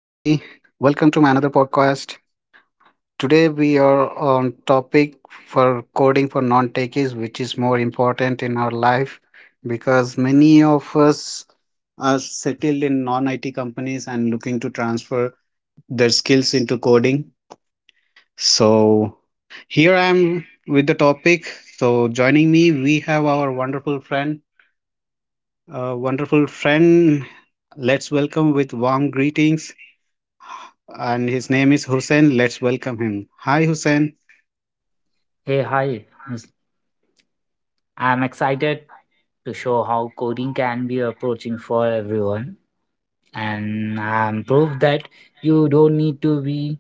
Welcome to my another podcast. Today we are on topic for coding for non-techies which is more important in our life because many of us are settled in non-IT companies and looking to transfer their skills into coding. So here I am with the topic. So joining me we have our wonderful friend, wonderful friend. Let's welcome with warm greetings and his name is Hussein. Let's welcome him. Hi, Hussein. Hey, hi. I'm excited to show how coding can be approaching for everyone, and I'm proof that you don't need to be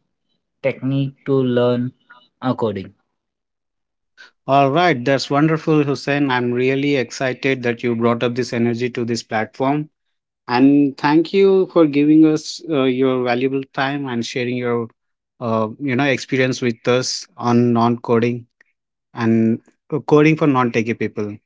technique to learn coding. All right, that's wonderful, Hussein. I'm really excited that you brought up this energy to this platform. And thank you for giving us your valuable time and sharing your experience with us on non-coding and coding for non-techie people.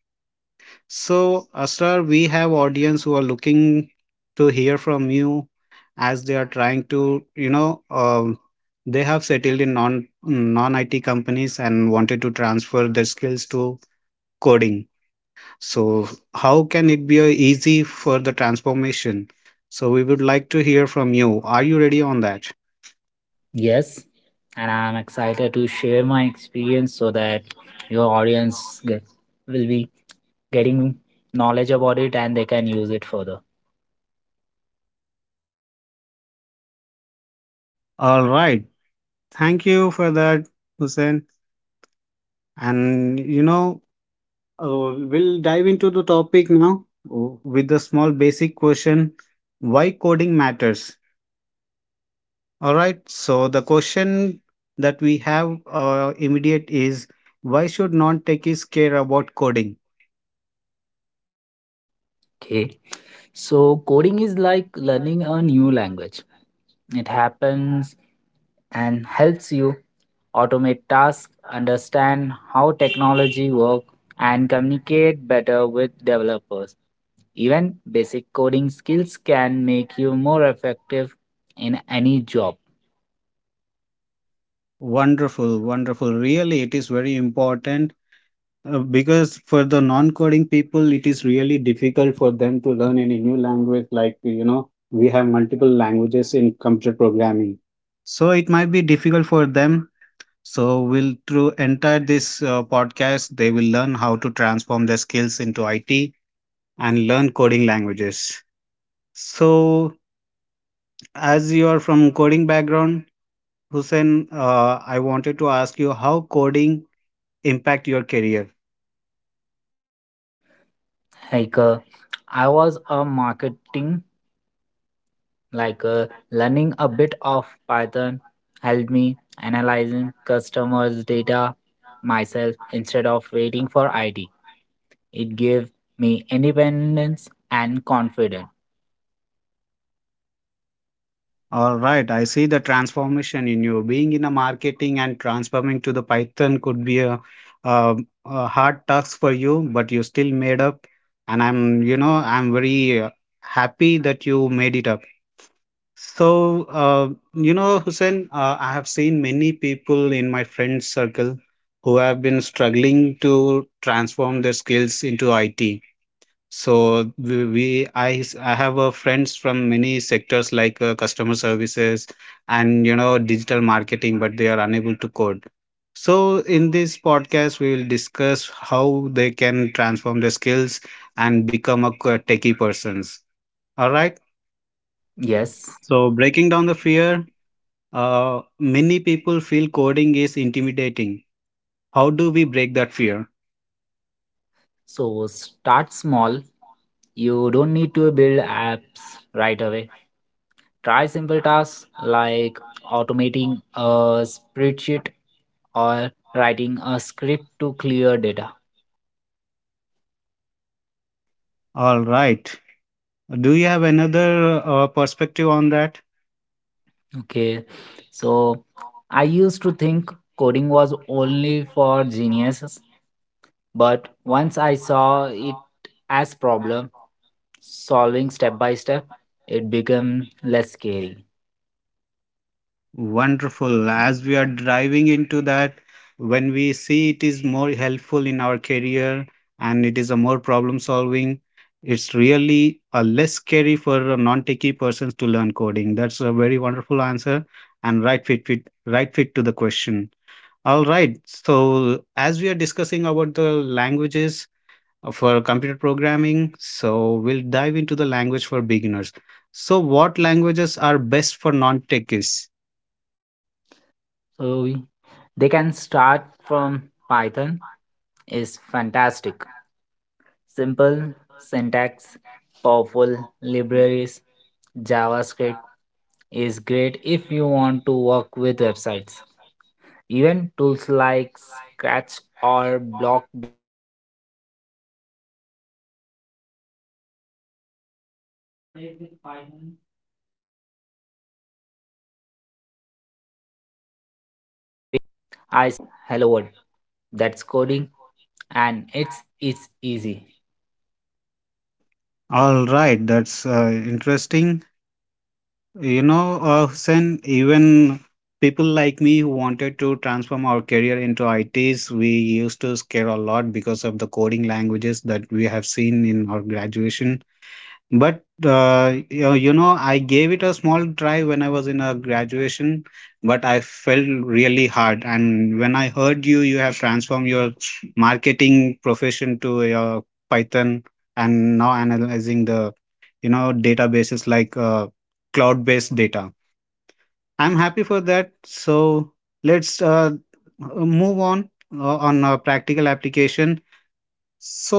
So, Asrar, we have audience who are looking to hear from you as they are trying to, they have settled in non IT companies and wanted to transfer their skills to coding. So, how can it be easy for the transformation? So, we would like to hear from you. Are you ready on that? Yes, and I'm excited to share my experience so that your audience will be getting knowledge about it and they can use it further. All right. Thank you for that, Hussein. And we'll dive into the topic now with a small basic question why coding matters. All right, so the question that we have immediate is why should non techies care about coding? Okay, so coding is like learning a new language. It happens and helps you automate tasks, understand how technology works, and communicate better with developers. Even basic coding skills can make you more effective in any job. Wonderful, wonderful. Really, it is very important because for the non coding people, it is really difficult for them to learn any new language. Like, you know, we have multiple languages in computer programming so it might be difficult for them. So we'll through entire this podcast, they will learn how to transform their skills into IT and learn coding languages. So as you are from coding background, Hussein, I wanted to ask you how coding impact your career. Like uh, I was a marketing, like uh, learning a bit of Python helped me analyzing customers' data myself instead of waiting for IT. It gave me independence and confidence. All right, I see the transformation in you. Being in a marketing and transforming to the Python could be a, a hard task for you, but you still made up. And I'm very happy that you made it up. So, Hussein, I have seen many people in my friend circle who have been struggling to transform their skills into IT. So I have friends from many sectors like customer services and you know digital marketing, but they are unable to code. So in this podcast, we will discuss how they can transform their skills and become a techie persons. All right. Yeah. Yes, So breaking down the fear, many people feel coding is intimidating. How do we break that fear? so start small. You don't need to build apps right away. Try simple tasks like automating a spreadsheet or writing a script to clear data. All right. Do you have another perspective on that? Okay. So I used to think coding was only for geniuses, but once I saw it as problem solving step by step, it became less scary. Wonderful. As we are driving into that, when we see it is more helpful in our career and it is a more problem solving, it's really a less scary for a non-techie persons to learn coding. That's a very wonderful answer and right fit to the question. All right. So, as we are discussing about the languages for computer programming, so we'll dive into the language for beginners. So, what languages are best for non techies? So they can start from Python is fantastic. Simple syntax, powerful libraries, JavaScript is great if you want to work with websites. Even tools like Scratch or block based coding are good starting points. I started with Python. It felt like writing English sentences. For example, print hello world. That's coding and it's easy. All right. That's interesting. You know, Hussein, even people like me who wanted to transform our career into ITs, we used to scare a lot because of the coding languages that we have seen in our graduation. But, you know, I gave it a small try when I was in a graduation, but I felt really hard. And when I heard you, you have transformed your marketing profession to your Python and now analyzing the databases like cloud-based data. I'm happy for that. So let's move on a practical application. So,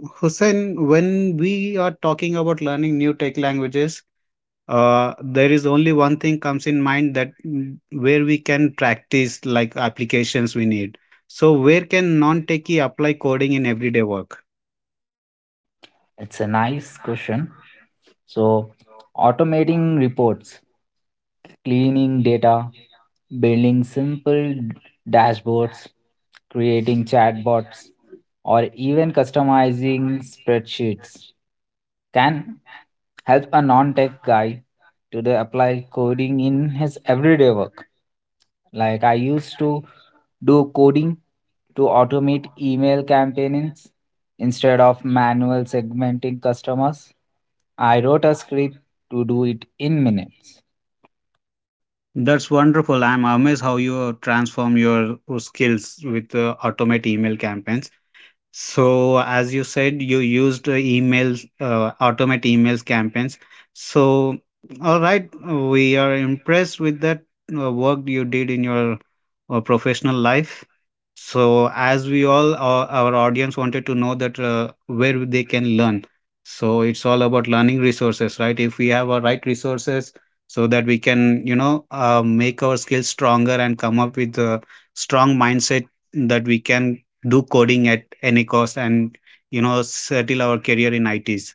Hussein, when we are talking about learning new tech languages, there is only one thing comes in mind that where we can practice like applications we need. So where can non-techie apply coding in everyday work? It's a nice question. So, automating reports, cleaning data, building simple dashboards, creating chatbots, or even customizing spreadsheets can help a non tech guy to the apply coding in his everyday work. Like, I used to do coding to automate email campaigns instead of manual segmenting customers. I wrote a script to do it in minutes. That's wonderful. I'm amazed how you transform your skills with automate email campaigns. So, as you said, you used automate emails campaigns. So, all right, we are impressed with that work you did in your professional life. So, as our audience wanted to know that where they can learn. So, it's all about learning resources, right? If we have our right resources, so that we can, make our skills stronger and come up with a strong mindset that we can do coding at any cost and you know settle our career in ITs.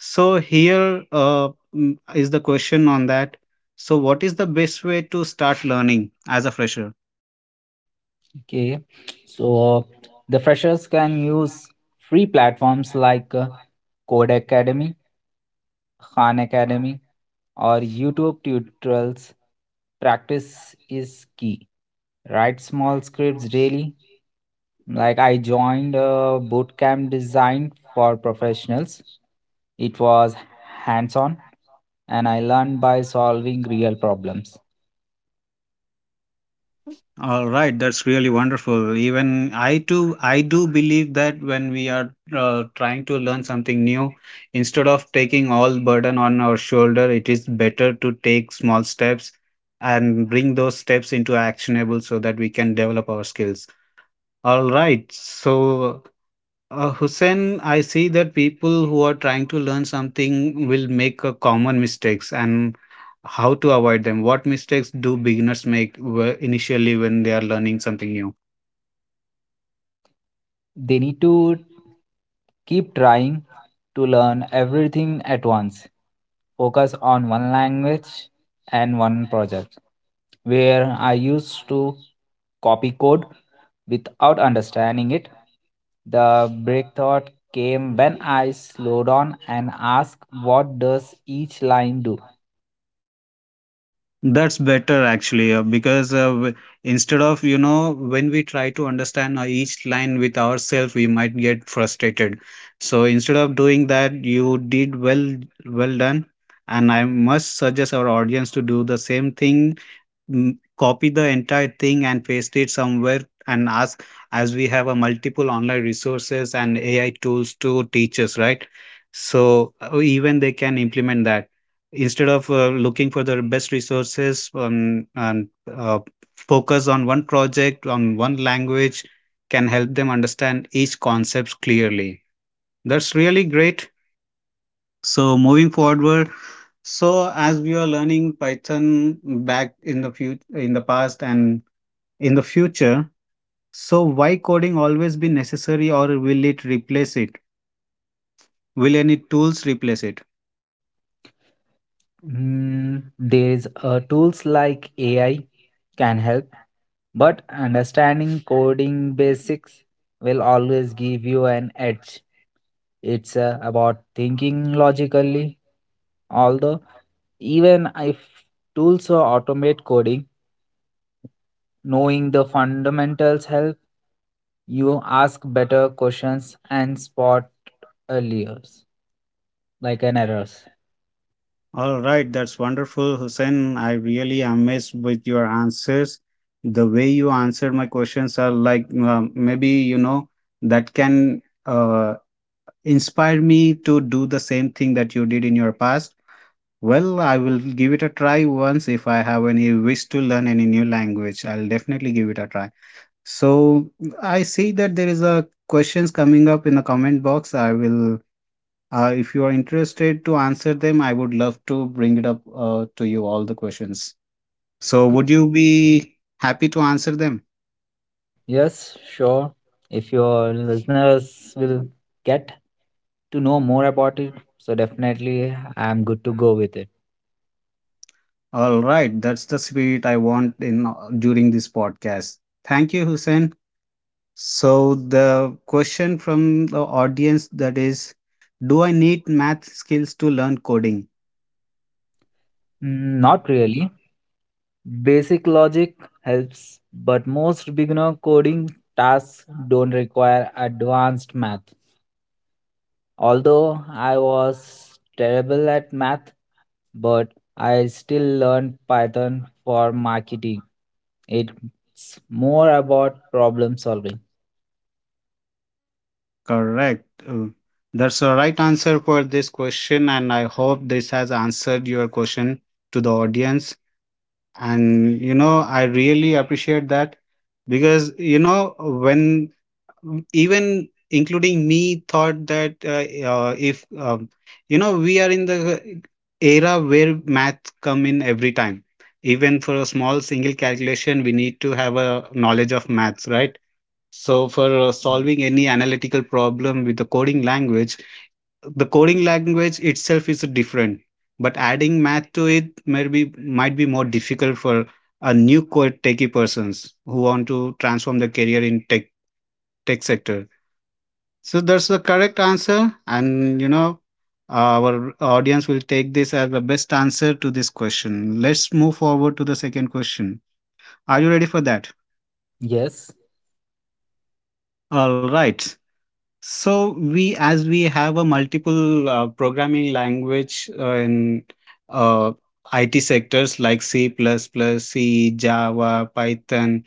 So here is the question on that. So what is the best way to start learning as a fresher? Okay, so the freshers can use free platforms like Code Academy, Khan Academy, or YouTube tutorials. Practice is key. Write small scripts daily. Like I joined a bootcamp designed for professionals. It was hands on, and I learned by solving real problems. All right, that's really wonderful. Even I too, I do believe that when we are trying to learn something new, instead of taking all burden on our shoulder, it is better to take small steps and bring those steps into actionable so that we can develop our skills. All right. So, Hussein, I see that people who are trying to learn something will make a common mistakes and how to avoid them. What mistakes do beginners make initially when they are learning something new? They need to keep trying to learn everything at once. Focus on one language and one project. Where I used to copy code without understanding it, the breakthrough came when I slowed down and asked, "What does each line do?" That's better actually, because instead of, you know, when we try to understand each line with ourselves, we might get frustrated. So instead of doing that, you did well, well done. And I must suggest our audience to do the same thing, copy the entire thing and paste it somewhere and ask, as we have a multiple online resources and AI tools to teach us, right? So even they can implement that instead of looking for the best resources, and uh, focus on one project on one language can help them understand each concepts clearly. That's really great. So moving forward, so as we are learning Python back in the future, in the past, and in the future. So why coding always be necessary or will it replace it? Will any tools replace it? There is tools like AI can help. But understanding coding basics will always give you an edge. It's about thinking logically. Although, even if tools automate coding, knowing the fundamentals help you ask better questions and spot earlier, like an errors. All right, that's wonderful, Hussein. I really amazed with your answers. The way you answered my questions are like maybe you know that can inspire me to do the same thing that you did in your past. Well, I will give it a try once if I have any wish to learn any new language. I'll definitely give it a try. So I see that there is a questions coming up in the comment box. I will, if you are interested to answer them, I would love to bring it up to you all the questions. So would you be happy to answer them? Yes, sure. If your listeners will get to know more about it, so definitely I'm good to go with it. All right, that's the spirit I want in during this podcast. Thank you, Hussein. So the question from the audience that is, do I need math skills to learn coding? Not really. Basic logic helps, but most beginner coding tasks don't require advanced math. Although I was terrible at math, but I still learned Python for marketing. It's more about problem solving. Correct. That's the right answer for this question, and I hope this has answered your question to the audience. And you know, I really appreciate that because you know, when even including me thought that if you know, we are in the era where math come in every time. Even for a small single calculation, we need to have a knowledge of maths, right? So for solving any analytical problem with the coding language itself is different, but adding math to it maybe might be more difficult for a new code techie persons who want to transform their career in tech sector. So that's the correct answer, and you know our audience will take this as the best answer to this question. Let's move forward to the second question. Are you ready for that? Yes. All right. So we, as we have a multiple programming language in uh, IT sectors like C++, C, Java, Python.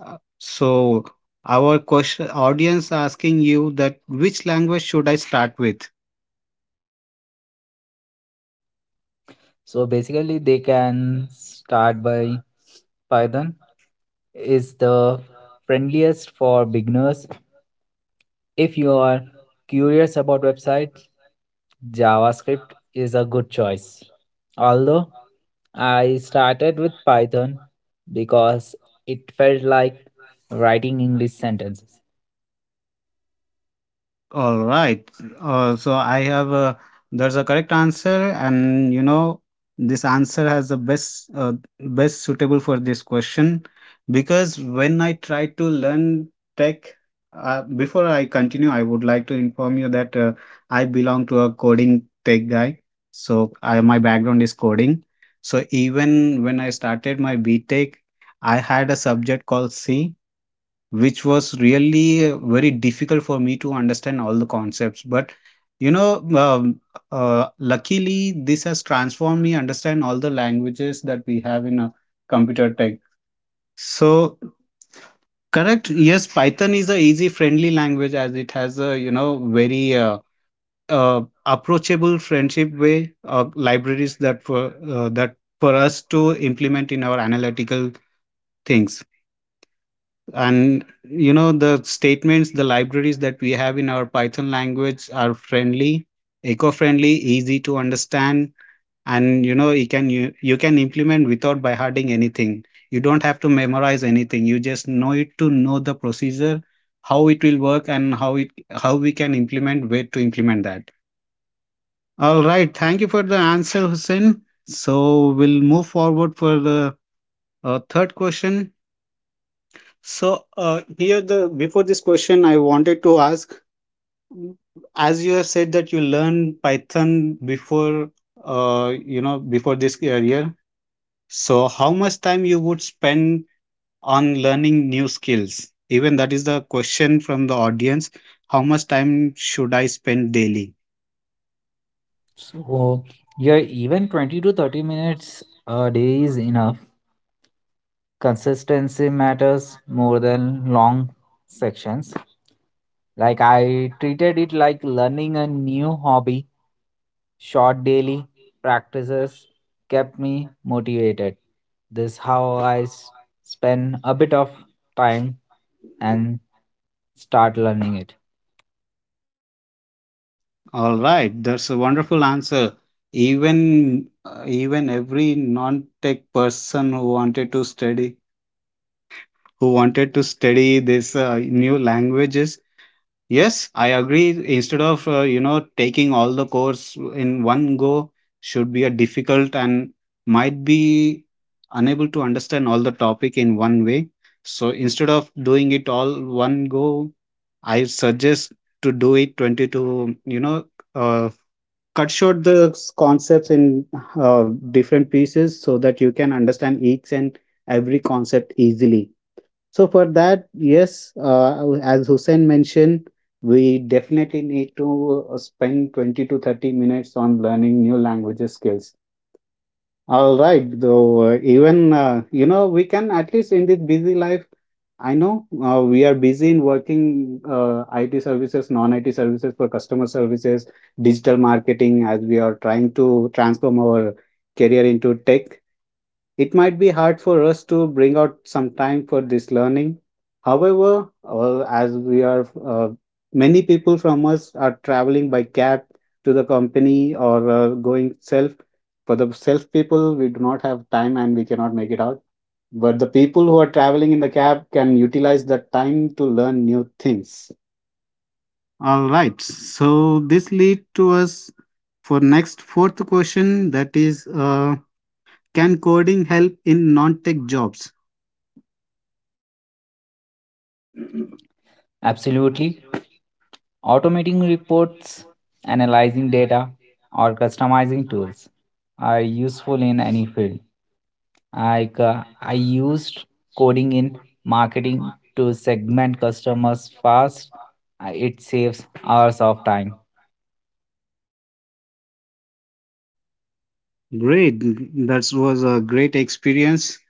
So our question audience asking you that which language should I start with? So basically, they can start by Python is the friendliest for beginners. If you are curious about website JavaScript is a good choice. Although I started with Python because it felt like writing English sentences. All right. So I have a there's a correct answer, and you know this answer has the best best suitable for this question because when I tried to learn tech, before I continue, I would like to inform you that I belong to a coding tech guy. So I, my background is coding. So even when I started my B tech, I had a subject called C, which was really very difficult for me to understand all the concepts. But you know um, luckily this has transformed me understand all the languages that we have in a computer tech. So correct, yes, Python is a easy friendly language as it has a, you know, very approachable friendship way, libraries that for that for us to implement in our analytical things. And you know the statements, the libraries that we have in our Python language are friendly, eco-friendly, easy to understand. And you know you can you can implement without by harding anything. You don't have to memorize anything. You just know it to know the procedure how it will work and how it how we can implement where to implement that. All right, thank you for the answer, Hussein. So we'll move forward for the third question. So here the before this question, I wanted to ask, mm, as you have said that you learned Python before, you know, before this career. So how much time you would spend on learning new skills? Even that is the question from the audience. How much time should I spend daily? So, yeah, even 20 to 30 minutes a day is enough. Consistency matters more than long sections. Like, I treated it like learning a new hobby. Short daily practices kept me motivated. This how I spend a bit of time and start learning it. All right, that's a wonderful answer. Even every non-tech person who wanted to study this new languages. Yes, I agree. Instead of you know taking all the course in one go should be a difficult and might be unable to understand all the topic in one way. So instead of doing it all one go, I suggest to do it 20 to uh, cut short the s- concepts in uh, different pieces so that you can understand each and every concept easily. So for that, yes, as Hussein mentioned, we definitely need to spend 20 to 30 minutes on learning new languages skills. All right, though, you know, we can at least in this busy life, I know we are busy in working IT services, non-IT services for customer services, digital marketing as we are trying to transform our career into tech. It might be hard for us to bring out some time for this learning. However, as we are many people from us are traveling by cab to the company or going self. For the self people, we do not have time and we cannot make it out. But the people who are traveling in the cab can utilize that time to learn new things. All right. So this lead to us for next fourth question, that is can coding help in non tech jobs? Absolutely. Automating reports, analyzing data, or customizing tools are useful in any field. I used coding in marketing to segment customers fast. It saves hours of time. Great, that was a great experience.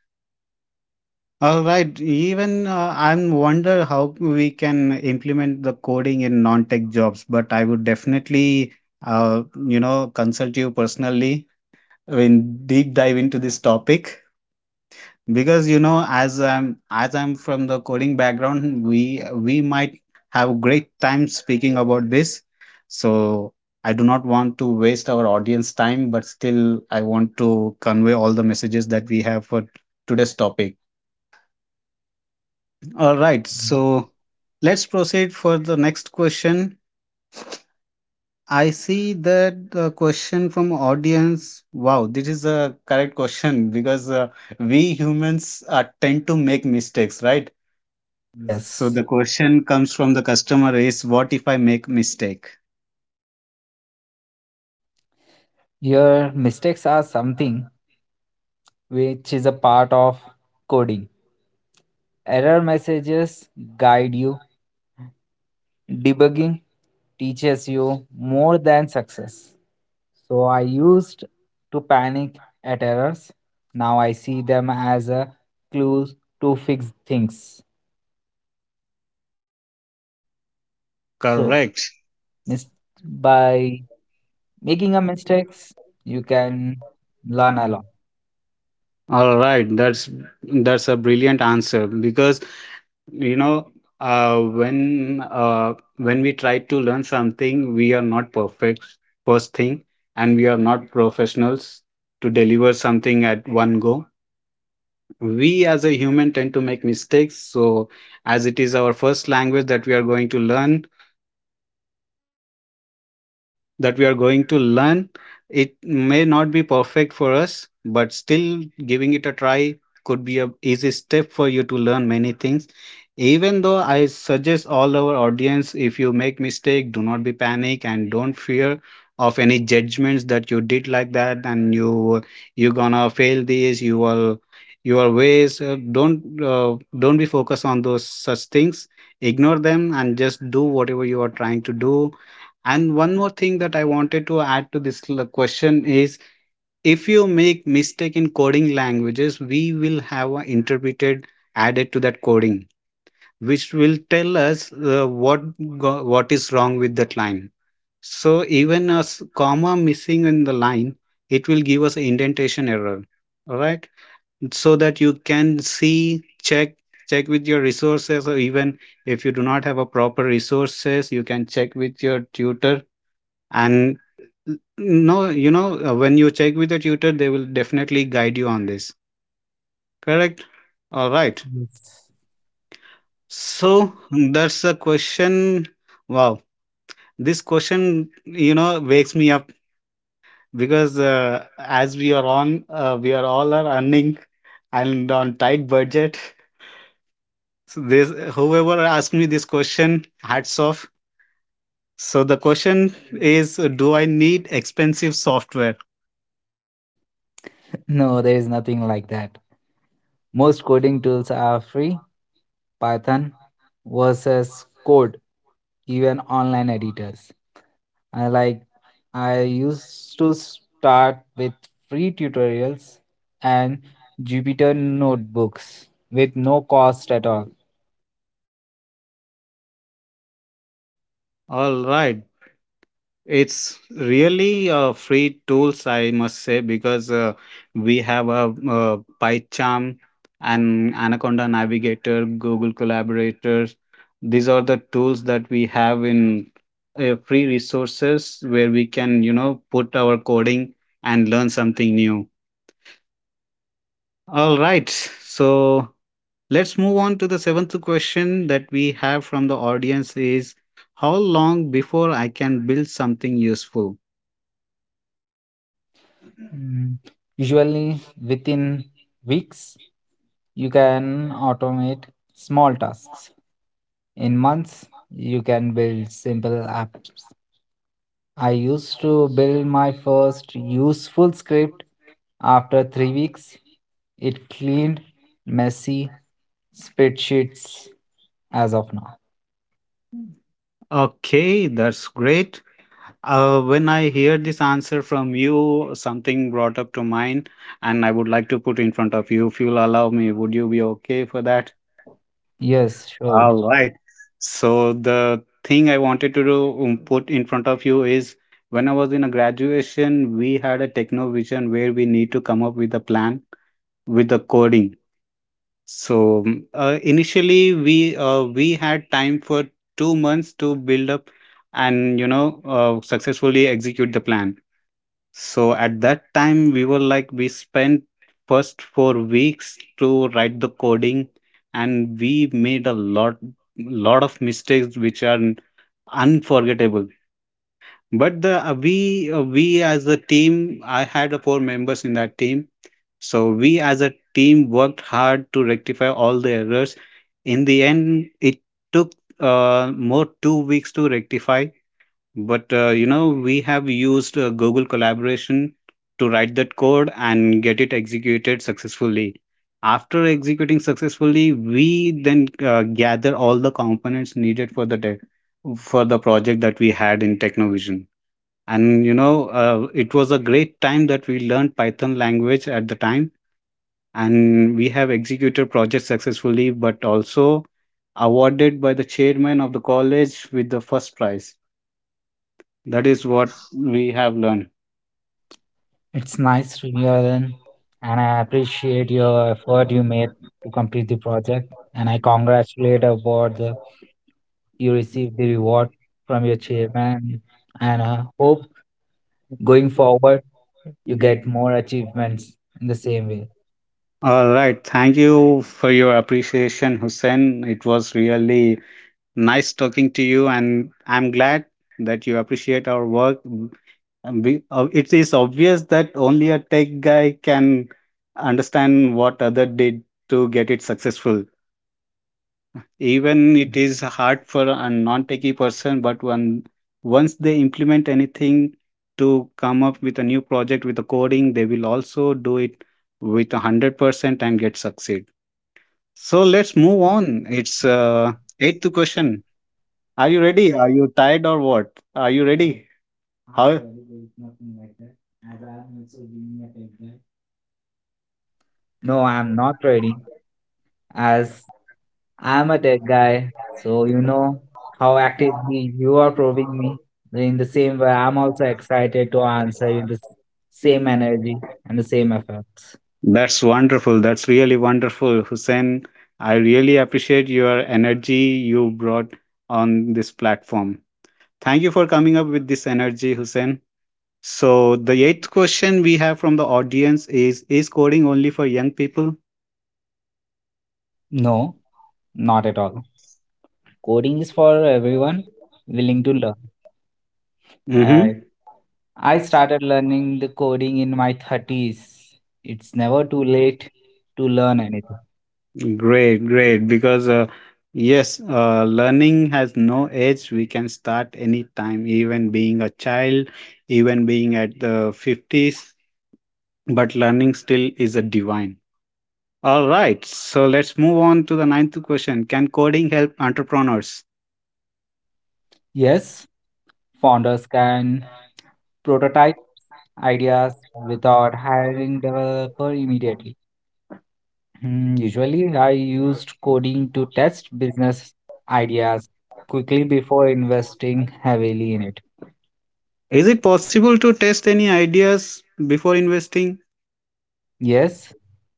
All right, even I'm wonder how we can implement the coding in non-tech jobs, but I would definitely, uh, you know, consult you personally when deep dive into this topic. Because you know, as I'm from the coding background, we might have great time speaking about this. So I do not want to waste our audience time, but still I want to convey all the messages that we have for today's topic. All right, so let's proceed for the next question. I see that the question from audience. Wow, this is a correct question because we humans tend to make mistakes, right? So the Yes. question comes from the customer is, what if I make mistake? Your mistakes are something which is a part of coding. Error messages guide you, debugging teaches you more than success. So I used to panic at errors. Now I see them as a clue to fix things. So Correct. mis- by making a mistakes, you can learn a lot. All right, that's a brilliant answer because you know when we try to learn something, we are not perfect first thing, and we are not professionals to deliver something at one go. We as a human tend to make mistakes. So as it is our first language that we are going to learn, that we are going to learn. It may not be perfect for us, but still giving it a try could be a easy step for you to learn many things. Even though I suggest all our audience, if you make mistake, do not be panic and don't fear of any judgments that you did like that and you gonna fail this. You will your ways don't be focused on those such things. Ignore them and just do whatever you are trying to do. And one more thing that I wanted to add to this l- question is, if you make mistake in coding languages, we will have an interpreted added to that coding, which will tell us what is wrong with that line. So even a s- comma missing in the line, it will give us an indentation error. All right, so that you can see check with your resources, or even if you do not have a proper resources you can check with your tutor. And no, you know, when you check with the tutor, they will definitely guide you on this. Correct? All right. Yes. So that's a question. Wow. This question, you know, wakes me up because as we are on, we are all are earning and on tight budget. So this, whoever asked me this question, hats off. So the question is, do I need expensive software? No, there is nothing like that. Most coding tools are free. Python versus code, even online editors. I like I used to start with free tutorials and Jupyter notebooks with no cost at all. All right. It's really a free tools, I must say, because we have a, PyCharm and Anaconda Navigator, Google Collaborator. These are the tools that we have in free resources where we can, you know, put our coding and learn something new. All right, so let's move on to the seventh question that we have from the audience is, how long before I can build something useful? Mm, Usually within weeks, you can automate small tasks. In months, you can build simple apps. I used to build my first useful script after 3 weeks. It cleaned messy spreadsheets as of now. Okay, that's great. When I hear this answer from you, something brought up to mind, and I would like to put in front of you if you'll allow me. Would you be okay for that? Yes, sure. All right. So the thing I wanted to do, put in front of you is, when I was in a graduation, we had a techno vision where we need to come up with a plan with the coding. So initially we had time for 2 months to build up and you know successfully execute the plan. So at that time we were like we spent first 4 weeks to write the coding, and we made a lot of mistakes which are unforgettable. But the we as a team, I had four members in that team. So we as a team worked hard to rectify all the errors. In the end, it took more 2 weeks to rectify. But you know, we have used Google Collaboration to write that code and get it executed successfully. After executing successfully, we then gather all the components needed for the tech, for the project that we had in Technovision. And you know, it was a great time that we learned Python language at the time, and we have executed projects successfully but also awarded by the chairman of the college with the first prize. That is what we have learned. It's nice to hear then, and I appreciate your effort you made to complete the project. And I congratulate about the you received the reward from your chairman, and I hope going forward you get more achievements in the same way. All right, thank you for your appreciation, Hussein. It was really nice talking to you and I'm glad that you appreciate our work. And we- it is obvious that only a tech guy can understand what other did to get it successful, even it is hard for a non-techie person. But when once they implement anything to come up with a new project with the coding, they will also do it with 100% and get succeed. So let's move on, it's eighth question. Are you ready? Are you tired or what? Are you ready? How? No, I'm not ready. As I'm a tech guy, so you know how actively you are probing me. In the same way, I'm also excited to answer you the same energy and the same efforts. That's wonderful. That's really wonderful, Hussein. I really appreciate your energy you brought on this platform. Thank you for coming up with this energy, Hussein. So, the eighth question we have from the audience is coding only for young people? No, not at all. Coding is for everyone willing to learn. I, Mm-hmm. I started learning the coding in my 30s. It's never too late to learn anything. Great, great. Because, yes, learning has no age. We can start anytime, even being a child, even being at the 50s, but learning still is a divine. All right, so let's move on to the ninth question, can coding help entrepreneurs? Yes, founders can prototype ideas without hiring developer immediately. Usually, I used coding to test business ideas quickly before investing heavily in it. Is it possible to test any ideas before investing? Yes,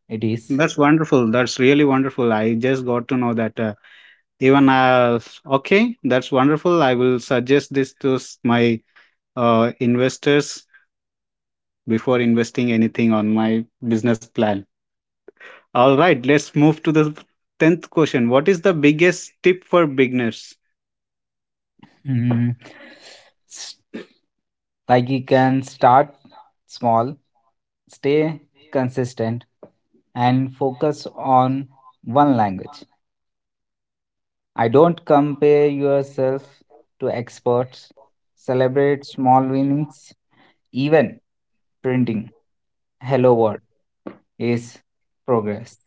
it is. That's wonderful. That's really wonderful. I just got to know that even okay, that's wonderful. I will suggest this to s- my investors before investing anything on my business plan. All right, let's move to the 10th question. What is the biggest tip for beginners? Hmm, s- Like you can start small, stay consistent, and focus on one language. I don't compare yourself to experts. Celebrate small winnings, even printing hello world is progress.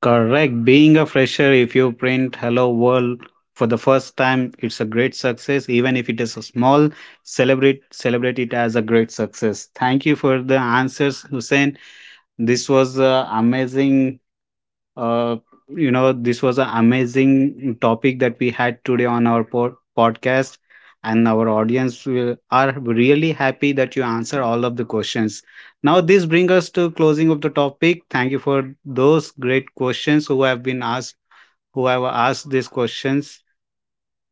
Correct. Being a fresher, if you print Hello World for the first time, it's a great success. Even if it is a small, celebrate it as a great success. Thank you for the answers, Hussein. This was amazing, uh, you know, this was an amazing topic that we had today on our po- podcast, and our audience will, are really happy that you answer all of the questions. Now, this brings us to closing of the topic. Thank you for those great questions who have been asked who have asked these questions.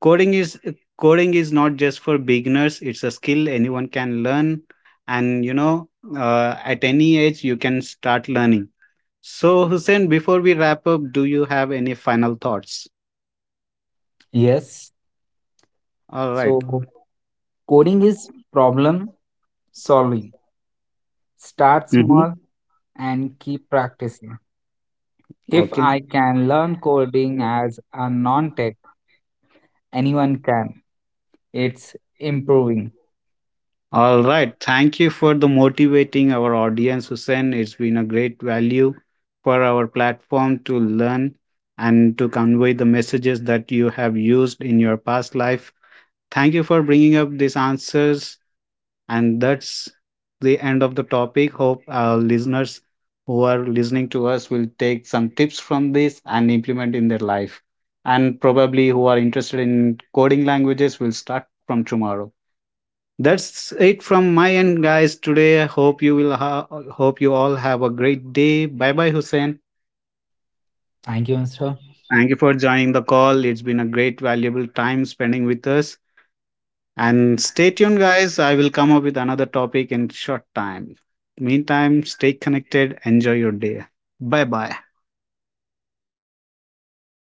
Coding is coding is not just for beginners. It's a skill anyone can learn. And you know at any age you can start learning. So, Hussein, before we wrap up, do you have any final thoughts? Yes. All right. So coding is problem solving. Start Mm-hmm. small and keep practicing. If Okay. I can learn coding as a non-tech, anyone can. It's improving. All right. Thank you for the motivating our audience, Hussein. It's been a great value for our platform to learn and to convey the messages that you have used in your past life. Thank you for bringing up these answers. And that's the end of the topic. Hope our listeners who are listening to us will take some tips from this and implement in their life. And probably who are interested in coding languages will start from tomorrow. That's it from my end, guys. Today, I hope you will hope you all have a great day. Bye bye, Hussein. Thank you, Mr. Thank you for joining the call. It's been a great, valuable time spending with us. And stay tuned, guys. I will come up with another topic in short time. Meantime, stay connected. Enjoy your day. Bye bye.